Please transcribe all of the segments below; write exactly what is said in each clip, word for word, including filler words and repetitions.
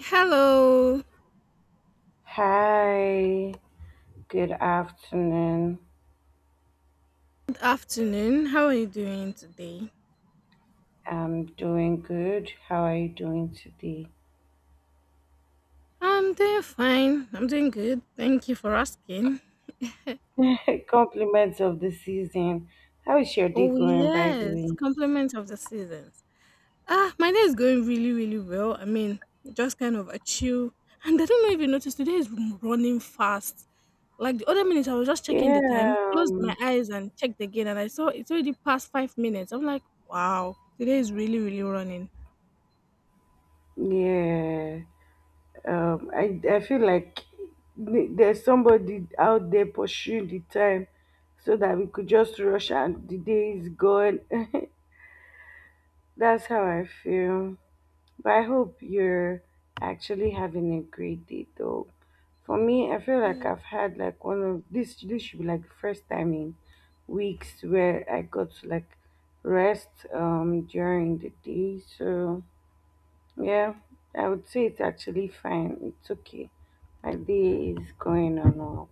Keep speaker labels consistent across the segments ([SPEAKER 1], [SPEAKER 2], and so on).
[SPEAKER 1] Hello.
[SPEAKER 2] Hi, good afternoon.
[SPEAKER 1] Good afternoon. How are you doing today?
[SPEAKER 2] I'm doing good. How are you doing today?
[SPEAKER 1] I'm doing fine. I'm doing good. Thank you for asking.
[SPEAKER 2] Compliments of the season. How is your day
[SPEAKER 1] Oh
[SPEAKER 2] going, by the
[SPEAKER 1] yes,
[SPEAKER 2] way?
[SPEAKER 1] compliment of the seasons. Ah, my day is going really, really well. I mean, just kind of a chill. And I don't know if you noticed today is running fast. Like the other minute, I was just checking the
[SPEAKER 2] Yeah,
[SPEAKER 1] time, closed my
[SPEAKER 2] um,
[SPEAKER 1] eyes and checked again, and I saw it's already past five minutes. I'm like, wow, today is really, really running.
[SPEAKER 2] yeah. Um, I, I feel like th- there's somebody out there pursuing the time so that we could just rush and the day is gone. That's how I feel. But I hope you're actually having a great day though. For me, I feel like I've had like one of this this should be like the first time in weeks where I got to like rest um during the day. So yeah, I would say it's actually fine. It's okay. My day is going on up.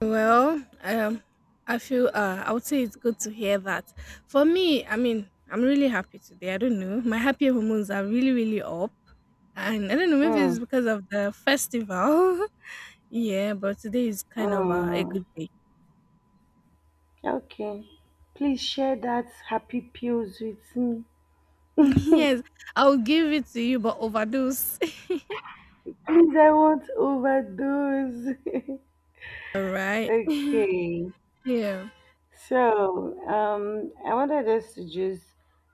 [SPEAKER 1] Well, um, I feel uh, I would say it's good to hear that. For me, I mean, I'm really happy today. I don't know, my happy hormones are really, really up, and I don't know, maybe
[SPEAKER 2] Hmm.
[SPEAKER 1] it's because of the festival. Yeah, but today is kind of uh, a
[SPEAKER 2] Hmm.
[SPEAKER 1] good day.
[SPEAKER 2] Okay. Please share that happy pills with me.
[SPEAKER 1] Yes, I'll give it to you, but overdose.
[SPEAKER 2] Please, I won't overdose.
[SPEAKER 1] All right.
[SPEAKER 2] okay.
[SPEAKER 1] Yeah.
[SPEAKER 2] So, um, I wanted us to just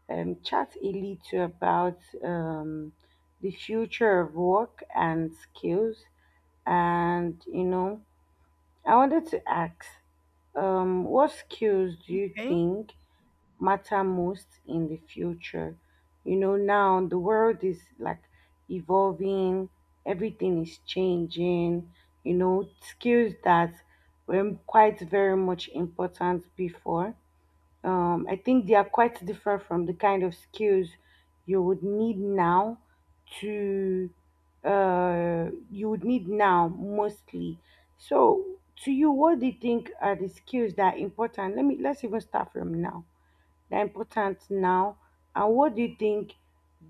[SPEAKER 2] um, chat a little about um, the future of work and skills. And, you know, I wanted to ask, um, what skills do you
[SPEAKER 1] Okay.
[SPEAKER 2] think matter most in the future? You know, now the world is like evolving, everything is changing, you know, skills that were quite very much important before um, I think they are quite different from the kind of skills you would need now to uh, you would need now mostly. So to you, what do you think are the skills that are important? Let me let's even start from now. That are important now, and what do you think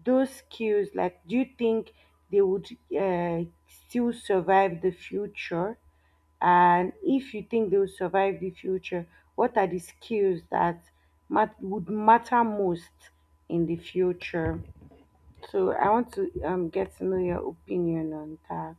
[SPEAKER 2] those skills like? Do you think they would uh, still survive the future? And if you think they will survive the future, what are the skills that mat- would matter most in the future? So I want to um, get to know your opinion on that.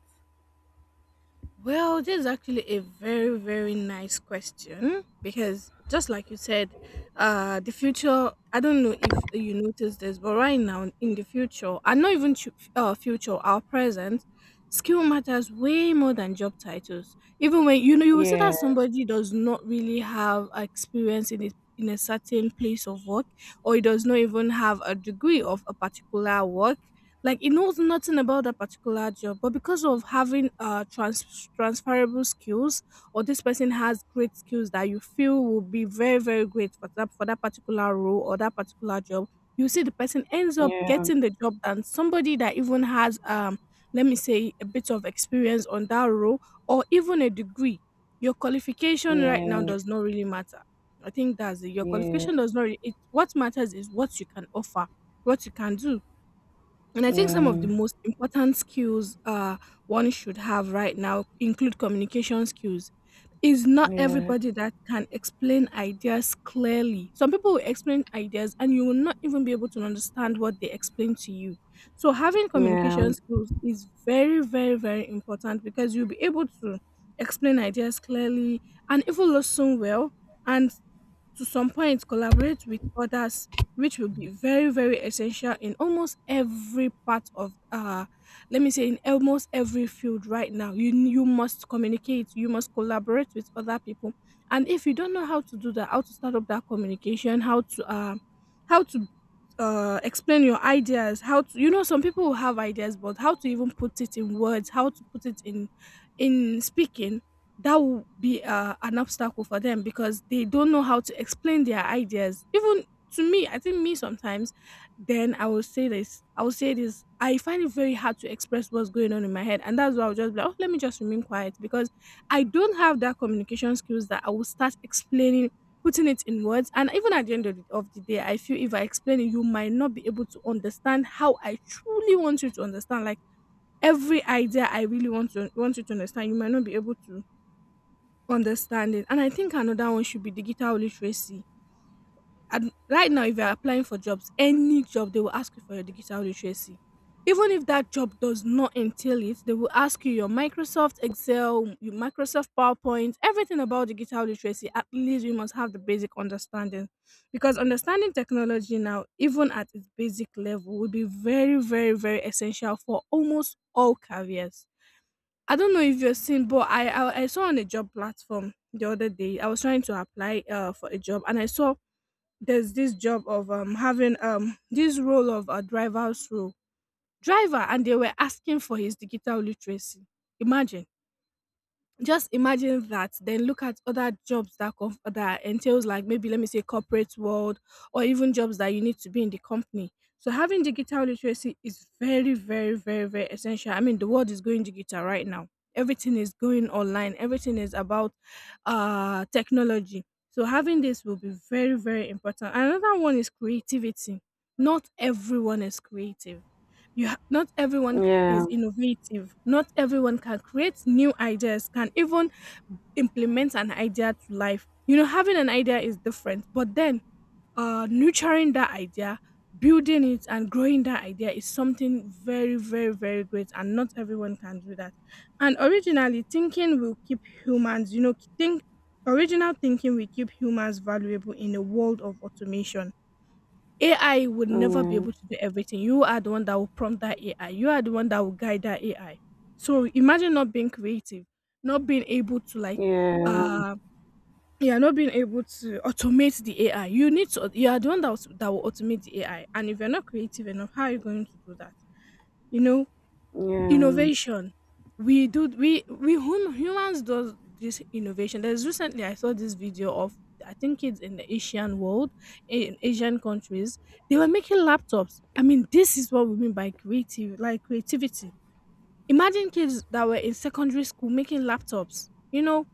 [SPEAKER 1] Well, this is actually a very, very nice question because just like you said, uh, the future, I don't know if you noticed this, but right now in the future, and not even chu- uh, future, our present, skill matters way more than job titles. Even when, you know, you will see
[SPEAKER 2] Yeah,
[SPEAKER 1] that somebody does not really have experience in it. In a certain place of work, or he does not even have a degree of a particular work, like he knows nothing about that particular job, but because of having uh trans- transferable skills, or this person has great skills that you feel will be very very great for that for that particular role or that particular job, you see the person ends up
[SPEAKER 2] yeah,
[SPEAKER 1] getting the job than somebody that even has um let me say a bit of experience on that role or even a degree. Your qualification right now
[SPEAKER 2] yeah,
[SPEAKER 1] does not really matter. I think that's it. Your
[SPEAKER 2] yeah,
[SPEAKER 1] qualification does not really, it, what matters is what you can offer, what you can do. And I think some of
[SPEAKER 2] yeah,
[SPEAKER 1] the most important skills uh, one should have right now include communication skills. It's not
[SPEAKER 2] yeah,
[SPEAKER 1] everybody that can explain ideas clearly. Some people will explain ideas and you will not even be able to understand what they explain to you. So, having
[SPEAKER 2] yeah,
[SPEAKER 1] communication skills is very, very, very important because you'll be able to explain ideas clearly and even listen well. And to some point collaborate with others which will be very very essential in almost every part of uh let me say in almost every field right now you you must communicate you must collaborate with other people and if you don't know how to do that how to start up that communication how to uh how to uh explain your ideas how to you know some people will have ideas but how to even put it in words how to put it in in speaking that will be uh, an obstacle for them because they don't know how to explain their ideas. Even to me, I think me sometimes, then I will say this. I will say this. I find it very hard to express what's going on in my head. And that's why I'll just be like, oh, let me just remain quiet because I don't have that communication skills that I will start explaining, putting it in words. And even at the end of the, of the day, I feel if I explain it, you might not be able to understand how I truly want you to understand. Like every idea I really want to want you to understand, you might not be able to understanding. And I think another one should be digital literacy. And right now, if you're applying for jobs, any job, they will ask you for your digital literacy. Even if that job does not entail it, they will ask you your Microsoft Excel, your Microsoft PowerPoint, everything about digital literacy. At least you must have the basic understanding. Because understanding technology now, even at its basic level, will be very, very, very essential for almost all careers. I don't know if you're seen, but I, I I saw on a job platform the other day. I was trying to apply uh for a job, and I saw there's this job of um having um this role of a driver's role driver, and they were asking for his digital literacy. Imagine just imagine that then look at other jobs that conf- that entails like maybe let me say corporate world or even jobs that you need to be in the company so having digital literacy is very very very very essential. I mean the world is going digital right now, everything is going online, everything is about uh technology. So having this will be very very important. Another one is creativity. Not everyone is creative, you ha- not
[SPEAKER 2] yeah,
[SPEAKER 1] everyone ca-
[SPEAKER 2] yeah,
[SPEAKER 1] is innovative, not everyone can create new ideas, can even implement an idea to life. You know, having an idea is different but then uh nurturing that idea, building it and growing that idea is something very very very great and not everyone can do that. And originally thinking will keep humans you know think original thinking will keep humans valuable in a world of automation. A I would never be
[SPEAKER 2] yeah,
[SPEAKER 1] able to do everything. You are the one that will prompt that A I. You are the one that will guide that A I. So imagine not being creative, not being able to like
[SPEAKER 2] yeah,
[SPEAKER 1] uh yeah, not being able to automate the A I. You need to you are the one that will, that will automate the A I. And if you're not creative enough, how are you going to do that? You know, innovation. We do we we hum, humans does this innovation. There's recently I saw this video of I think kids in the Asian world, in Asian countries, they were making laptops. I mean, this is what we mean by creative, like creativity. Imagine kids that were in secondary school making laptops. You know,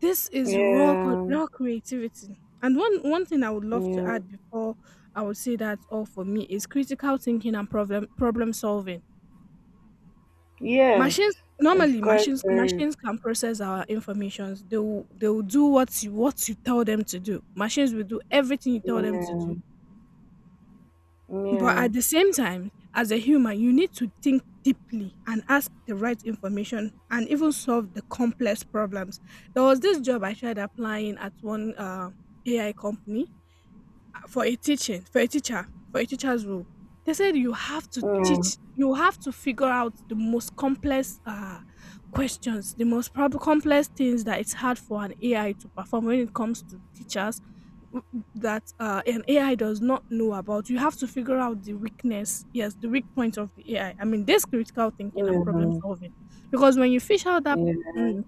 [SPEAKER 1] this is raw, co- raw creativity. And one one thing I would
[SPEAKER 2] yeah,
[SPEAKER 1] love to
[SPEAKER 2] yeah,
[SPEAKER 1] add before I would say that's all for me is critical thinking and problem problem solving.
[SPEAKER 2] yes,
[SPEAKER 1] Machines,
[SPEAKER 2] it's
[SPEAKER 1] normally
[SPEAKER 2] quite
[SPEAKER 1] machines
[SPEAKER 2] very
[SPEAKER 1] machines can process our informations. They will they will do what you what you tell them to do. Machines will do everything you tell them to
[SPEAKER 2] yeah,
[SPEAKER 1] do. But
[SPEAKER 2] yeah,
[SPEAKER 1] at the same time, as a human, you need to think deeply and ask the right information and even solve the complex problems. There was this job I tried applying at one uh, A I company for a teaching for a teacher for a teacher's role. They said you have to
[SPEAKER 2] yeah,
[SPEAKER 1] teach, you have to figure out the most complex uh, questions, the most prob- complex things that it's hard for an AI to perform when it comes to teachers w- that uh, an AI does not know about. You have to figure out the weakness, yes, the weak point of the AI. i I mean this critical thinking and problem
[SPEAKER 2] yeah,
[SPEAKER 1] solving. Because when you fish out that
[SPEAKER 2] yeah.
[SPEAKER 1] mm,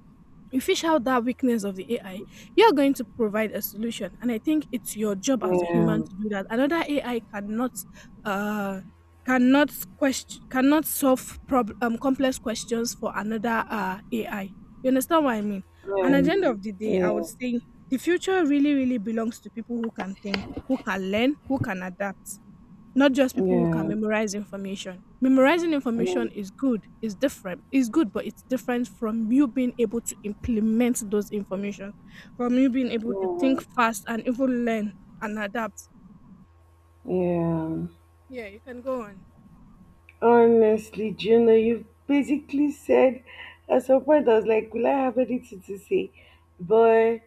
[SPEAKER 1] you fish out that weakness of the A I, you're going to provide a solution. And I think it's your job as a
[SPEAKER 2] Yeah,
[SPEAKER 1] human to do that. Another A I cannot uh cannot question cannot solve prob- um, complex questions for another uh A I. You understand what I mean? And at
[SPEAKER 2] yeah,
[SPEAKER 1] the end of the day, I
[SPEAKER 2] yeah,
[SPEAKER 1] would say the future really, really belongs to people who can think, who can learn, who can adapt. Not just people who can
[SPEAKER 2] yeah,
[SPEAKER 1] memorize information. Memorizing
[SPEAKER 2] yeah,
[SPEAKER 1] information is good, is different, is good, but it's different from you being able to implement those information, from you being able to
[SPEAKER 2] yeah.
[SPEAKER 1] think fast and even learn and adapt.
[SPEAKER 2] Yeah.
[SPEAKER 1] Yeah, you can go on.
[SPEAKER 2] Honestly, Juno, you've basically said at some point I was like, will I have anything to say? But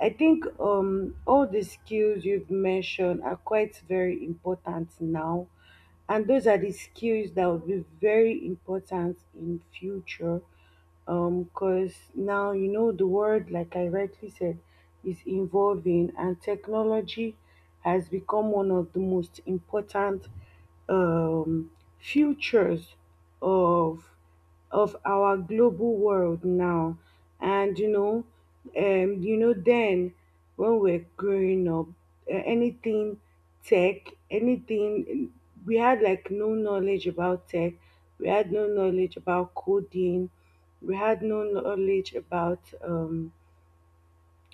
[SPEAKER 2] I think um all the skills you've mentioned are quite very important now, and those are the skills that would be very important in future, um because now you know the world, like I rightly said, is evolving and technology has become one of the most important um futures of of our global world now. And you know, um, you know, then when we're growing up, uh, anything tech, anything we had like no knowledge about tech. We had no knowledge about coding. We had no knowledge about um,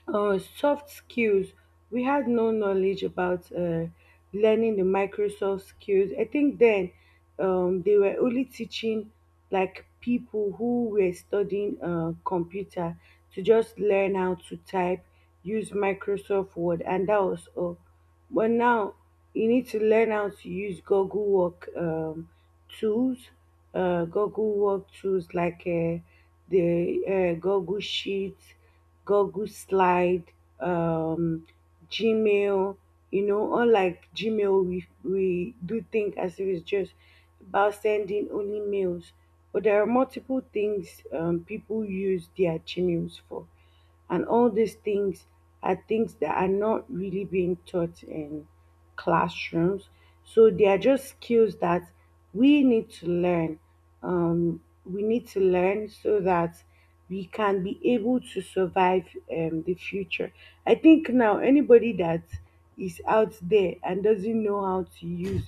[SPEAKER 2] uh, soft skills. We had no knowledge about uh, learning the Microsoft skills. I think then um, they were only teaching like people who were studying uh, computer to just learn how to type, use Microsoft Word, and that was all. But now you need to learn how to use Google Work um, tools, uh, Google Work tools like uh, the uh, Google Sheets, Google Slide, um, Gmail. You know, unlike Gmail, we, we do think as if it's just about sending only mails. But there are multiple things um, people use their Gmails for, and all these things are things that are not really being taught in classrooms. So they are just skills that we need to learn. Um, we need to learn so that we can be able to survive um, the future. I think now anybody that is out there and doesn't know how to use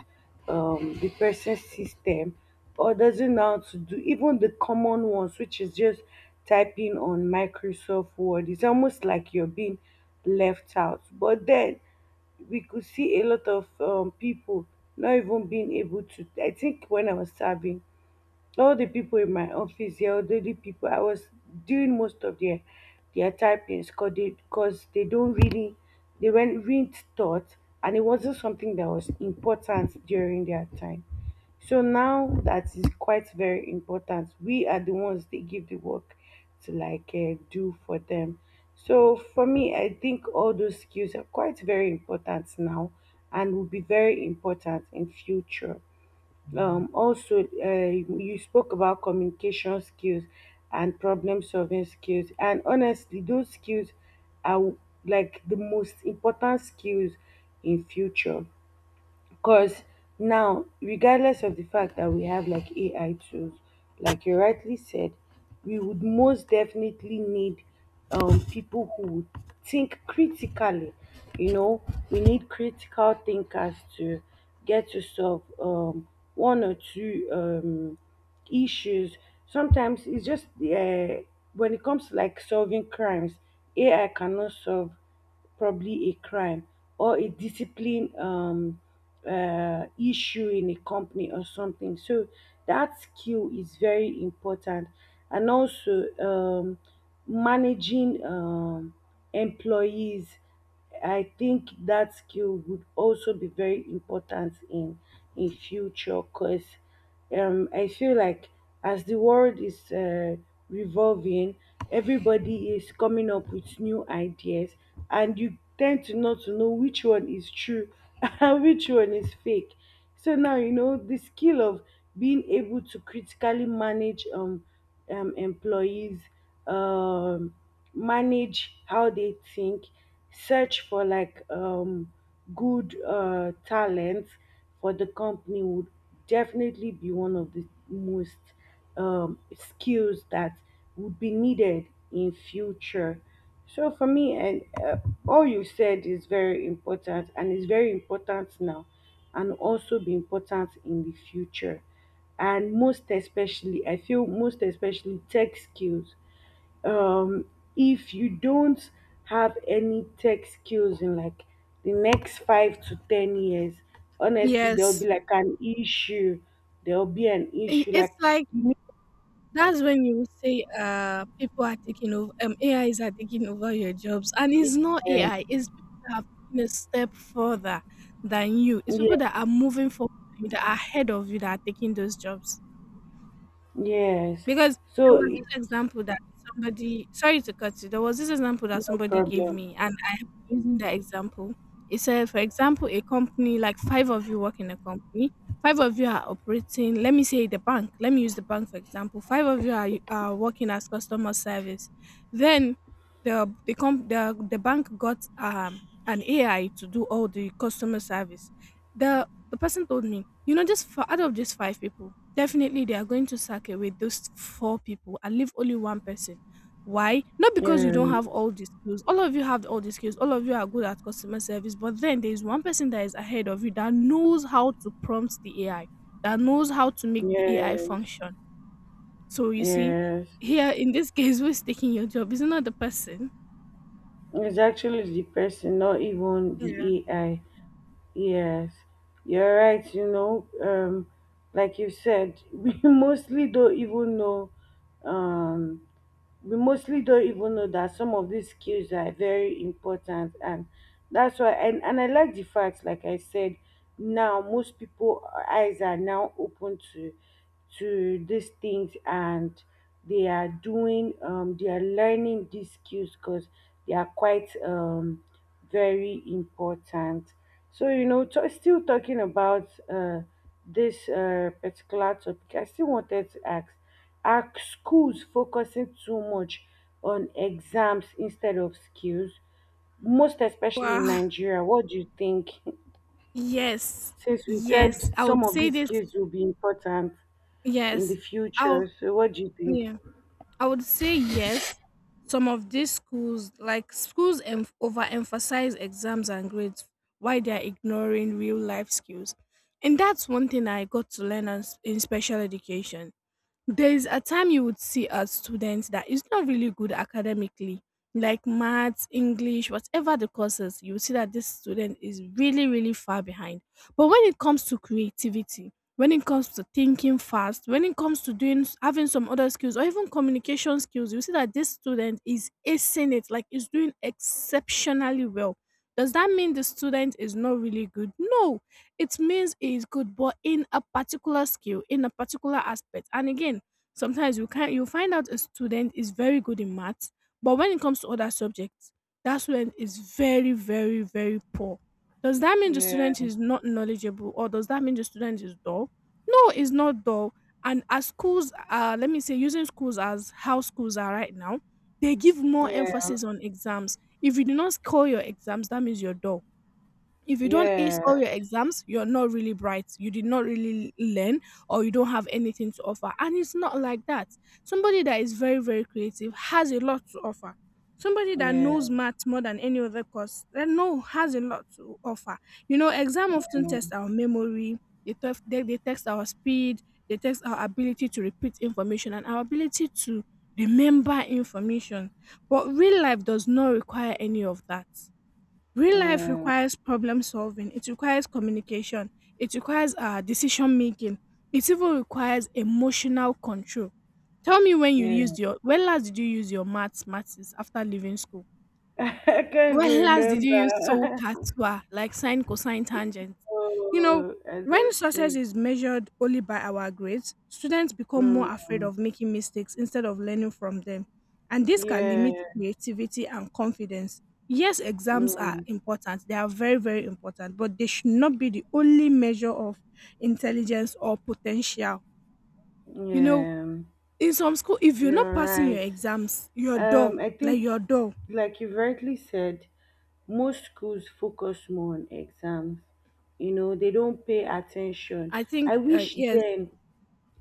[SPEAKER 2] um, the person's system, or doesn't know how to do even the common ones, which is just typing on Microsoft Word, it's almost like you're being left out. But then we could see a lot of um, people not even being able to. I think when I was serving all the people in my office, the elderly people, I was doing most of their their typings because they, cause they don't really, they weren't really taught, and it wasn't something that was important during their time. So now that is quite very important. We are the ones they give the work to, like uh, do for them. So for me, I think all those skills are quite very important now and will be very important in future. Um, also, uh, you spoke about communication skills and problem solving skills. And honestly, those skills are like the most important skills in future. Because now, regardless of the fact that we have like A I tools, like you rightly said, we would most definitely need um, people who would think critically. You know, we need critical thinkers to get to solve um, one or two um, issues. Sometimes it's just uh, when it comes to like solving crimes, A I cannot solve probably a crime or a discipline um, uh, issue in a company or something. So that skill is very important, and also um, managing um, employees. I think that skill would also be very important in in future because um, I feel like as the world is uh, revolving, everybody is coming up with new ideas, and you tend to not to know which one is true and which one is fake. So now you know the skill of being able to critically manage um um, employees, um, manage how they think, search for like um, good uh, talent for the company would definitely be one of the most um, skills that would be needed in future. So for me and uh, all you said is very important and is very important now, and also be important in the future. And most especially, I feel most especially tech skills, um if you don't have any tech skills in like the next five to ten years, honestly there'll be
[SPEAKER 1] Yes,
[SPEAKER 2] like an issue. There'll be an
[SPEAKER 1] I-
[SPEAKER 2] issue
[SPEAKER 1] it's
[SPEAKER 2] like
[SPEAKER 1] like
[SPEAKER 2] you
[SPEAKER 1] that's when you say uh people are taking over, um, A Is are taking over your jobs, and
[SPEAKER 2] need
[SPEAKER 1] it's not
[SPEAKER 2] a-
[SPEAKER 1] A I. It's people that have taken a step further than you. It's
[SPEAKER 2] yeah,
[SPEAKER 1] people that are moving forward, than you, that are ahead of you, that are taking those jobs.
[SPEAKER 2] yes,
[SPEAKER 1] Because there
[SPEAKER 2] so
[SPEAKER 1] was
[SPEAKER 2] it's
[SPEAKER 1] this example that somebody sorry to cut you. There was this example that
[SPEAKER 2] no
[SPEAKER 1] somebody gave
[SPEAKER 2] problem,
[SPEAKER 1] me and using that example, it said, for example, a company, like five of you work in a company, five of you are operating, let me say the bank, let me use the bank for example, five of you are, are working as customer service. Then the, the, comp, the, the bank got um, an A I to do all the customer service. The, the person told me, you know, just for, out of these five people, definitely they are going to sack away those four people and leave only one person. Why? Not because you
[SPEAKER 2] yeah,
[SPEAKER 1] don't have all the skills. All of you have all the skills. All of you are good at customer service. But then there is one person that is ahead of you that knows how to prompt the A I, that knows how to make the A I
[SPEAKER 2] yes.
[SPEAKER 1] function. So you see,
[SPEAKER 2] Yes,
[SPEAKER 1] here in this case, who's taking your job? Is it not the person?
[SPEAKER 2] it's actually the person, not even
[SPEAKER 1] Yeah.
[SPEAKER 2] the A I. Yes, you're right. You know, um, like you said, we mostly don't even know um, we mostly don't even know that some of these skills are very important. And that's why, and, and I like the fact, like I said, now most people eyes are now open to to these things, and they are doing um they are learning these skills because they are quite um very important. So you know, t- still talking about uh this uh particular topic, I still wanted to ask, are schools focusing too much on exams instead of skills, most especially in
[SPEAKER 1] Wow.
[SPEAKER 2] Nigeria? What do you think?
[SPEAKER 1] Yes.
[SPEAKER 2] Since we
[SPEAKER 1] Yes.
[SPEAKER 2] said
[SPEAKER 1] I
[SPEAKER 2] some
[SPEAKER 1] would
[SPEAKER 2] of
[SPEAKER 1] say
[SPEAKER 2] these
[SPEAKER 1] this.
[SPEAKER 2] skills will be important in the
[SPEAKER 1] Yes. Oh,
[SPEAKER 2] future, so what do you think?
[SPEAKER 1] yeah. I would say yes. Some of these schools, like schools, em- overemphasize exams and grades while they're ignoring real life skills. And that's one thing I got to learn as- in special education. There is a time you would see a student that is not really good academically, like maths, English, whatever the courses. You will see that this student is really, really far behind. But when it comes to creativity, when it comes to thinking fast, when it comes to doing having some other skills or even communication skills, you see that this student is acing it, like is doing exceptionally well. Does that mean the student is not really good? No, it means he's good, but in a particular skill, in a particular aspect. And again, sometimes you can you find out a student is very good in maths, but when it comes to other subjects, that student is very, very, very poor. Does that mean the
[SPEAKER 2] Yeah,
[SPEAKER 1] student is not knowledgeable, or does that mean the student is dull? No, it's not dull. And as schools, uh, let me say, using schools as how schools are right now, they give more
[SPEAKER 2] yeah,
[SPEAKER 1] emphasis on exams. If you do not score your exams, that means you're dull. If you don't ace all
[SPEAKER 2] yeah,
[SPEAKER 1] your exams, you're not really bright. You did not really learn, or you don't have anything to offer. And it's not like that. Somebody that is very, very creative has a lot to offer. Somebody that
[SPEAKER 2] yeah,
[SPEAKER 1] knows math more than any other course, that no has a lot to offer. You know, exam often test our memory. They, tef- they, they test our speed. They test our ability to repeat information and our ability to remember information. But real life does not require any of that. Real life
[SPEAKER 2] yeah,
[SPEAKER 1] requires problem solving, it requires communication, it requires uh, decision making, it even requires emotional control. Tell me when you
[SPEAKER 2] yeah.
[SPEAKER 1] used your when last did you use your maths maths after leaving school?
[SPEAKER 2] I can't even
[SPEAKER 1] When last did you use
[SPEAKER 2] remember.
[SPEAKER 1] solkatwa, like sine, cosine, tangent? You know,
[SPEAKER 2] Oh, I
[SPEAKER 1] when
[SPEAKER 2] don't
[SPEAKER 1] success
[SPEAKER 2] think.
[SPEAKER 1] is measured only by our grades, students become more afraid
[SPEAKER 2] Mm,
[SPEAKER 1] of making mistakes instead of learning from them. And this can
[SPEAKER 2] yeah,
[SPEAKER 1] limit creativity and confidence. Yes, exams are
[SPEAKER 2] mm,
[SPEAKER 1] important. They are very, very important, but they should not be the only measure of intelligence or potential. You know,
[SPEAKER 2] yeah,
[SPEAKER 1] in some school, if you're not
[SPEAKER 2] you're
[SPEAKER 1] passing your
[SPEAKER 2] right.
[SPEAKER 1] exams, your door,
[SPEAKER 2] Um, I
[SPEAKER 1] like
[SPEAKER 2] think,
[SPEAKER 1] your door.
[SPEAKER 2] like you rightly said, most schools focus more on exams. You know, they don't pay attention.
[SPEAKER 1] I think,
[SPEAKER 2] I
[SPEAKER 1] uh,
[SPEAKER 2] wish
[SPEAKER 1] yes,
[SPEAKER 2] then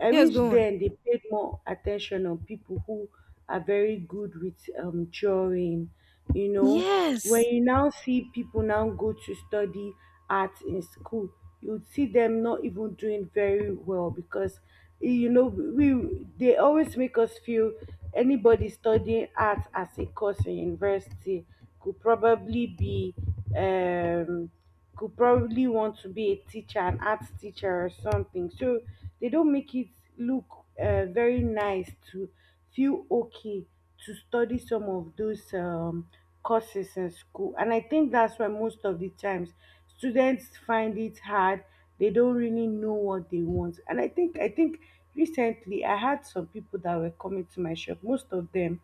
[SPEAKER 2] I
[SPEAKER 1] yes,
[SPEAKER 2] wish
[SPEAKER 1] go on.
[SPEAKER 2] then they paid more attention on people who are very good with um, drawing. You know, when
[SPEAKER 1] Yes.
[SPEAKER 2] you now see people now go to study art in school, you'd see them not even doing very well because you know we they always make us feel anybody studying art as a course in university could probably be um could probably want to be a teacher, an art teacher or something. So they don't make it look uh, very nice to feel okay to study some of those um, courses in school. And I think that's why most of the times students find it hard. They don't really know what they want. And I think I think recently I had some people that were coming to my shop. Most of them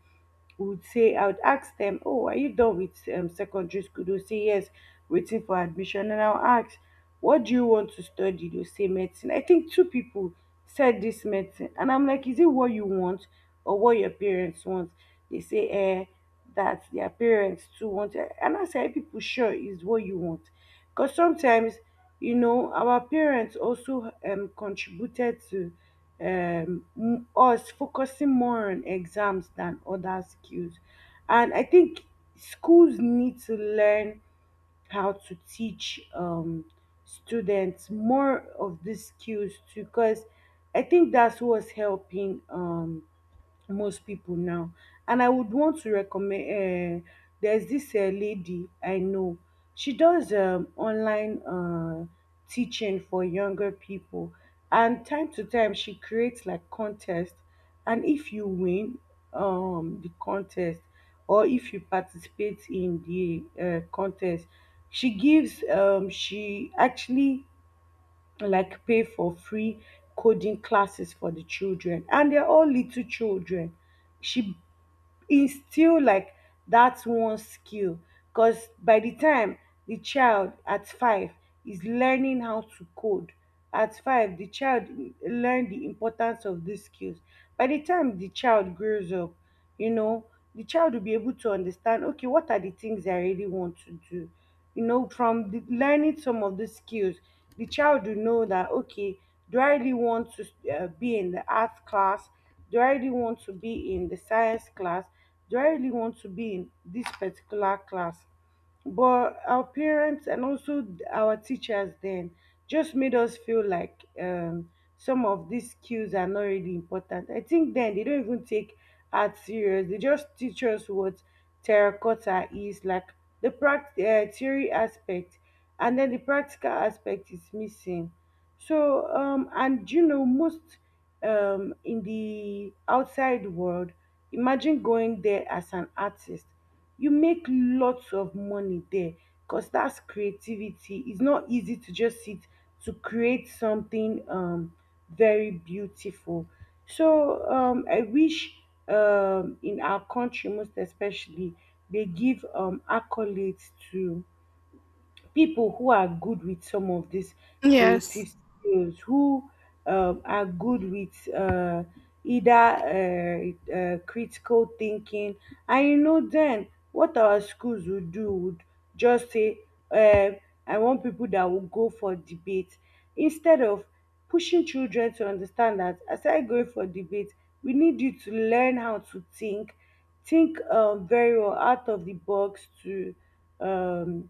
[SPEAKER 2] would say, I would ask them, "Oh, are you done with um, secondary school?" They'll say, "Yes, waiting for admission." And I'll ask, "What do you want to study?" They'll say, "Medicine." I think two people said this medicine. And I'm like, "Is it what you want or what your parents want?" They say, "Eh, that their parents too want. It." And I say, "Are people sure is what you want?" Because sometimes, you know, our parents also um, contributed to um, m- us focusing more on exams than other skills. And I think schools need to learn how to teach um, students more of these skills too, because I think that's what's helping. Um, most people now. And I would want to recommend. Uh, there's this uh, lady I know. She does um, online uh, teaching for younger people, and time to time she creates like contest. And if you win um, the contest, or if you participate in the uh, contest, she gives. Um, she actually like pay for free coding classes for the children, and they're all little children. She instill like that one skill because by the time the child at five is learning how to code at five the child learn the importance of these skills by the time the child grows up, you know the child will be able to understand, okay, what are the things I really want to do? You know from the, learning some of the skills, the child will know that, okay, do I really want to uh, be in the art class? Do I really want to be in the science class? Do I really want to be in this particular class? But our parents and also our teachers then just made us feel like um, some of these skills are not really important. I think then they don't even take art serious. They just teach us what terracotta is, like the pract- uh, theory aspect, and then the practical aspect is missing. So, um, and you know, most um, in the outside world, imagine going there as an artist. You make lots of money there because that's creativity. It's not easy to just sit to create something um, very beautiful. So, um, I wish um, in our country, most especially, they give um, accolades to people who are good with some of these creative
[SPEAKER 1] Yes.
[SPEAKER 2] skills, who um, are good with uh, either uh, uh, critical thinking. And you know, then what our schools would do would just say, uh, I want people that will go for debate instead of pushing children to understand that aside going for debate, we need you to learn how to think, think um, very well out of the box to um,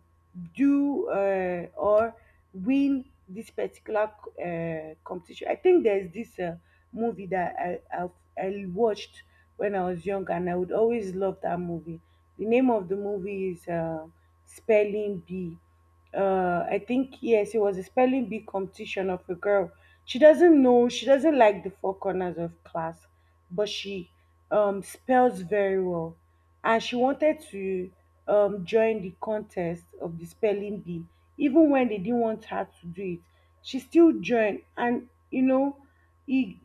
[SPEAKER 2] do uh, or win this particular uh, competition. I think there's this uh, movie that I, I I watched when I was young, and I would always love that movie. The name of the movie is uh, Spelling Bee. uh I think, yes, it was a spelling bee competition of a girl. She doesn't know, she doesn't like the four corners of class, but she um spells very well. And she wanted to um join the contest of the spelling bee. Even when they didn't want her to do it, she still joined, and you know it,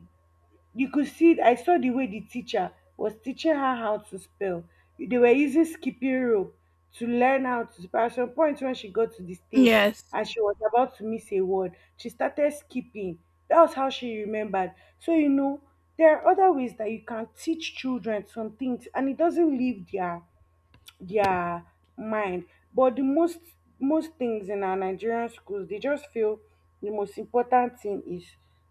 [SPEAKER 2] you could see, I saw the way the teacher was teaching her how to spell. They were using skipping rope to learn how to spell. At some point when she got to the stage
[SPEAKER 1] Yes.
[SPEAKER 2] and she was about to miss a word, she started skipping. That was how she remembered. So you know there are other ways that you can teach children some things and it doesn't leave their their mind. But the most most things in our Nigerian schools, they just feel the most important thing is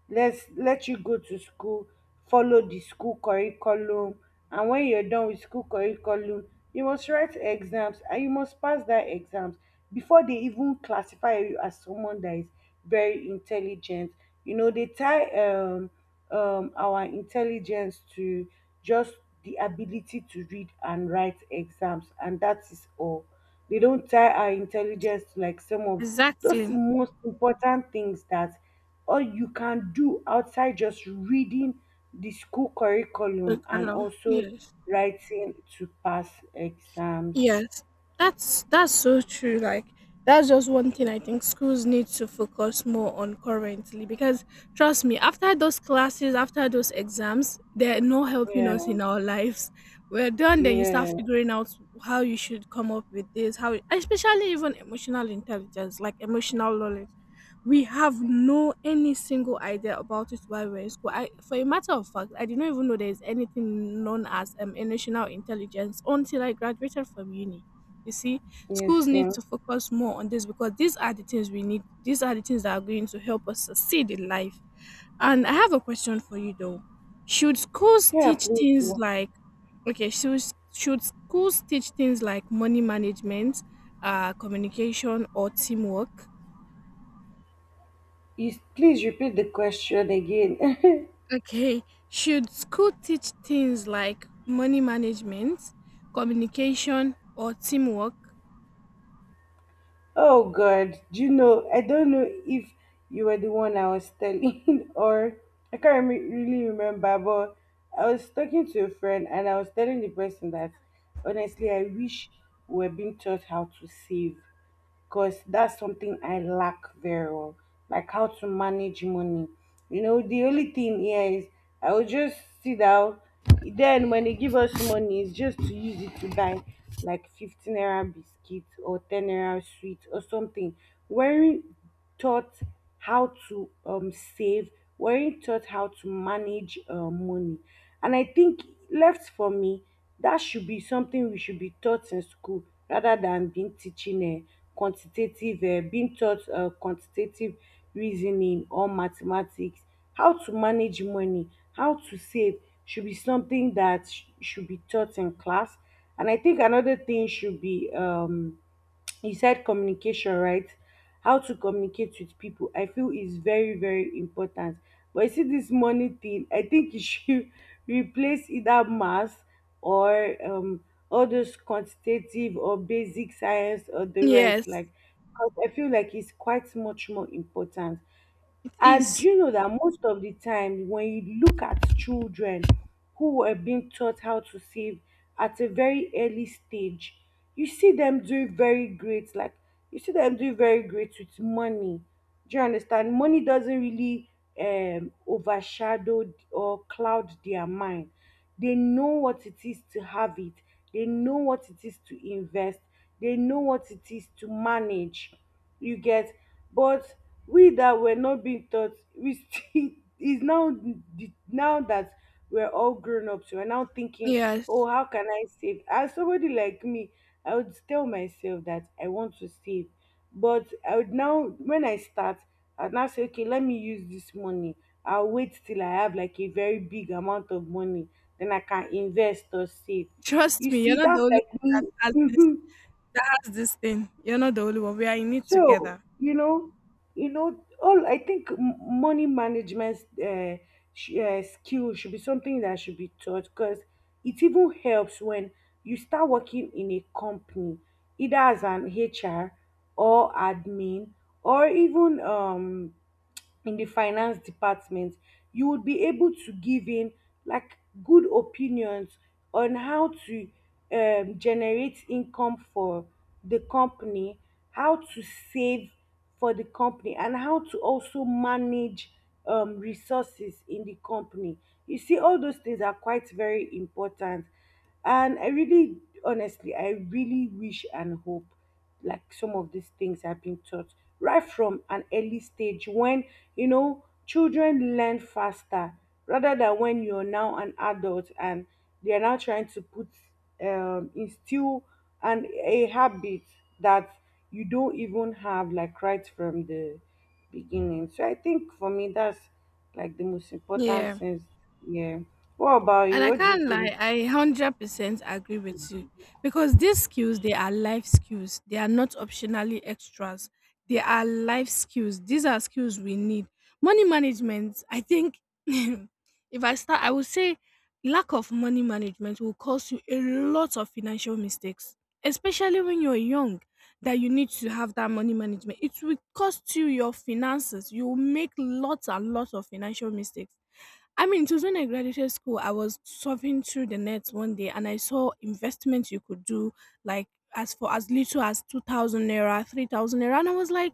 [SPEAKER 2] let's let you go to school, follow the school curriculum, and when you're done with school curriculum, you must write exams and you must pass that exams before they even classify you as someone that is very intelligent. You know, they tie um um, our intelligence to just the ability to read and write exams, and that is all. They don't tie our intelligence to like some of those
[SPEAKER 1] Exactly.
[SPEAKER 2] most important things that all you can do outside just reading the school curriculum and
[SPEAKER 1] Hello.
[SPEAKER 2] also
[SPEAKER 1] Yes.
[SPEAKER 2] writing to pass exams.
[SPEAKER 1] Yes. That's that's so true. Like that's just one thing I think schools need to focus more on currently, because trust me, after those classes, after those exams, they're not helping
[SPEAKER 2] Yeah,
[SPEAKER 1] us in our lives. We're done, then you start
[SPEAKER 2] yeah,
[SPEAKER 1] figuring out how you should come up with this, how especially even emotional intelligence, like emotional knowledge. We have no any single idea about it while we're in school. I, for a matter of fact, I did not even know there's anything known as um, emotional intelligence until I graduated from uni. You see,
[SPEAKER 2] yes,
[SPEAKER 1] schools need
[SPEAKER 2] yeah.
[SPEAKER 1] to focus more on this because these are the things we need. These are the things that are going to help us succeed in life. And I have a question for you though. Should schools
[SPEAKER 2] Yeah,
[SPEAKER 1] teach
[SPEAKER 2] please
[SPEAKER 1] things
[SPEAKER 2] go.
[SPEAKER 1] like okay, should should schools teach things like money management, uh communication or teamwork?
[SPEAKER 2] Is please repeat the question again.
[SPEAKER 1] Okay, should school teach things like money management, communication, or teamwork?
[SPEAKER 2] Oh God, do you know? I don't know if you were the one I was telling, or I can't rem- really remember. But I was talking to a friend, and I was telling the person that, honestly, I wish we were being taught how to save, because that's something I lack very well, like how to manage money. You know, the only thing here is I will just sit down. Then when they give us money, it's just to use it to buy like fifteen naira biscuits or ten naira sweet or something. Where taught how to um, save, weren't taught how to manage uh, money. And I think, left for me, that should be something we should be taught in school rather than being teaching uh, quantitative, uh, being taught uh, quantitative reasoning or mathematics. How to manage money, how to save should be something that sh- should be taught in class. And I think another thing should be, um, you said communication, right? How to communicate with people I feel is very, very important. But you see this money thing, I think you should replace either math or um all those quantitative or basic science or the
[SPEAKER 1] Yes,
[SPEAKER 2] rest, like, 'cause I feel like it's quite much more important.
[SPEAKER 1] it
[SPEAKER 2] And do
[SPEAKER 1] is.
[SPEAKER 2] you know that most of the time, when you look at children who were being taught how to save at a very early stage, you see them do very great. Like you see them do very great with money. Do you understand? Money doesn't really um, overshadow or cloud their mind. They know what it is to have it. They know what it is to invest. They know what it is to manage. You get, but we that were not being taught, we still is now, now that we're all grown ups, we're now thinking, oh,
[SPEAKER 1] Yes.
[SPEAKER 2] how can I save? As somebody like me, I would tell myself that I want to save. But I would now, when I start, I'd now say, okay, let me use this money. I'll wait till I have like a very big amount of money. Then I can invest or save.
[SPEAKER 1] Trust
[SPEAKER 2] You
[SPEAKER 1] me, you're
[SPEAKER 2] see,
[SPEAKER 1] not the
[SPEAKER 2] that's
[SPEAKER 1] only
[SPEAKER 2] like
[SPEAKER 1] one that
[SPEAKER 2] me.
[SPEAKER 1] has this has this thing. You're not the only one. We are in it
[SPEAKER 2] So,
[SPEAKER 1] together.
[SPEAKER 2] you know, you know, all I think m- money management uh, sh- uh, skill should be something that should be taught because it even helps when you start working in a company, either as an H R or admin or even um in the finance department, you would be able to give in like good opinions on how to um, generate income for the company, how to save for the company, and how to also manage um, resources in the company. You see, all those things are quite very important. And I really, honestly, I really wish and hope like some of these things have been taught right from an early stage when, you know, children learn faster rather than when you're now an adult and they are now trying to put, um, instill and a habit that you don't even have like right from the beginning. So I think for me, that's like the most important
[SPEAKER 1] Yeah.
[SPEAKER 2] things. Yeah. What about
[SPEAKER 1] And
[SPEAKER 2] you?
[SPEAKER 1] I
[SPEAKER 2] What do you
[SPEAKER 1] can't
[SPEAKER 2] think?
[SPEAKER 1] lie, I one hundred percent agree with you because these skills, they are life skills. They are not optionally extras. They are life skills. These are skills we need. Money management, I think, if I start, I would say lack of money management will cause you a lot of financial mistakes, especially when you're young, that you need to have that money management. It will cost you your finances. You will make lots and lots of financial mistakes. I mean, it was when I graduated school, I was surfing through the net one day and I saw investments you could do, like as for as little as two thousand naira, three thousand naira. And I was like,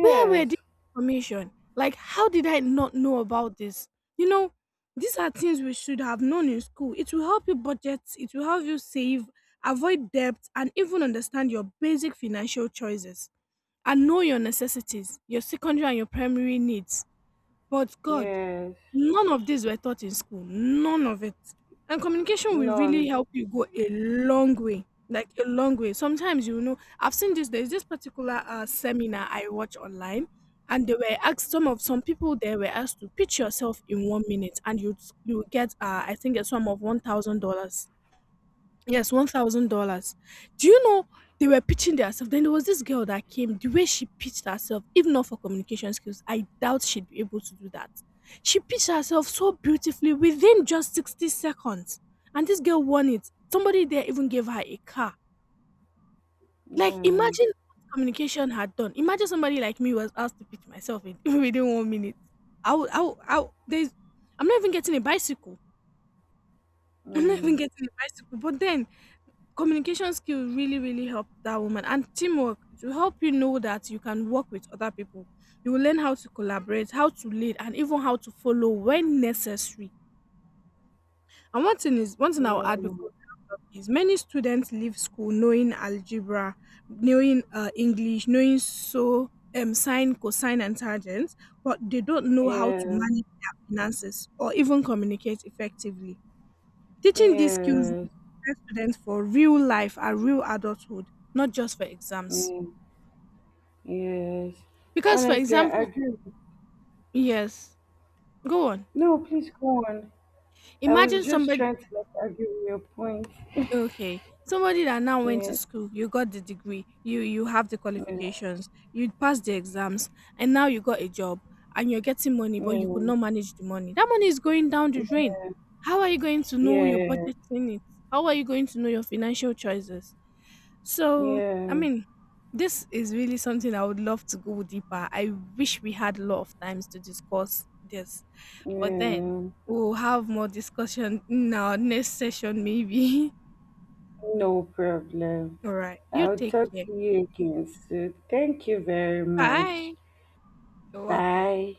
[SPEAKER 1] where were this information? Like, how did I not know about this? You know, these are things we should have known in school. It will help you budget, it will help you save, avoid debt, and even understand your basic financial choices and know your necessities, your secondary and your primary needs. But God,
[SPEAKER 2] yes,
[SPEAKER 1] none of these were taught in school. None of it. And communication will really
[SPEAKER 2] none.
[SPEAKER 1] help you go a long way. Like a long way. Sometimes you know, I've seen this. There's this particular uh, seminar I watch online, and they were asked some of some people there were asked to pitch yourself in one minute, and you you get uh, I think a sum of one thousand dollars. Yes, one thousand dollars. Do you know they were pitching theirself? Then there was this girl that came. The way she pitched herself, if not for communication skills, I doubt she'd be able to do that. She pitched herself so beautifully within just sixty seconds. And this girl won it. Somebody there even gave her a car. Like,
[SPEAKER 2] Yeah,
[SPEAKER 1] imagine what communication had done. Imagine somebody like me was asked to pitch myself in within one minute. I would, I would, I would, there's, I'm not even getting a bicycle. I'm not even
[SPEAKER 2] mm,
[SPEAKER 1] getting a bicycle. But then communication skill really, really helped that woman and teamwork to help you know that you can work with other people. You will learn how to collaborate, how to lead, and even how to follow when necessary. And one thing is one thing I'll add
[SPEAKER 2] yeah,
[SPEAKER 1] before we wrap up is many students leave school knowing algebra, knowing uh, English, knowing so um, sine, cosine, and tangents, but they don't know how to
[SPEAKER 2] yes,
[SPEAKER 1] manage their finances or even communicate effectively. Teaching these skills
[SPEAKER 2] yes,
[SPEAKER 1] prepare students for real life and real adulthood, not just for exams.
[SPEAKER 2] yes, yes.
[SPEAKER 1] Because, for
[SPEAKER 2] Honestly, I
[SPEAKER 1] example,
[SPEAKER 2] agree.
[SPEAKER 1] yes, go on.
[SPEAKER 2] No, please go on. I was
[SPEAKER 1] Imagine
[SPEAKER 2] just
[SPEAKER 1] somebody,
[SPEAKER 2] trying to like argue with your point.
[SPEAKER 1] okay, somebody that now went to
[SPEAKER 2] Yes,
[SPEAKER 1] school, you got the degree, you you have the
[SPEAKER 2] yeah,
[SPEAKER 1] qualifications, you passed the exams, and now you got a job and you're getting money, but you could
[SPEAKER 2] yeah,
[SPEAKER 1] not manage the money. That money is going down the drain. How are you going to know your
[SPEAKER 2] yeah,
[SPEAKER 1] budgeting it? How are you going to know your financial choices? So, I
[SPEAKER 2] yeah,
[SPEAKER 1] mean, this is really something I would love to go deeper. I wish we had a lot of times to discuss this, but then
[SPEAKER 2] yeah.
[SPEAKER 1] we'll have more discussion in our next session, maybe.
[SPEAKER 2] No problem.
[SPEAKER 1] All right, you
[SPEAKER 2] I'll
[SPEAKER 1] take
[SPEAKER 2] talk
[SPEAKER 1] care.
[SPEAKER 2] to you again soon. Thank you very much.
[SPEAKER 1] Bye. You're welcome.
[SPEAKER 2] Bye.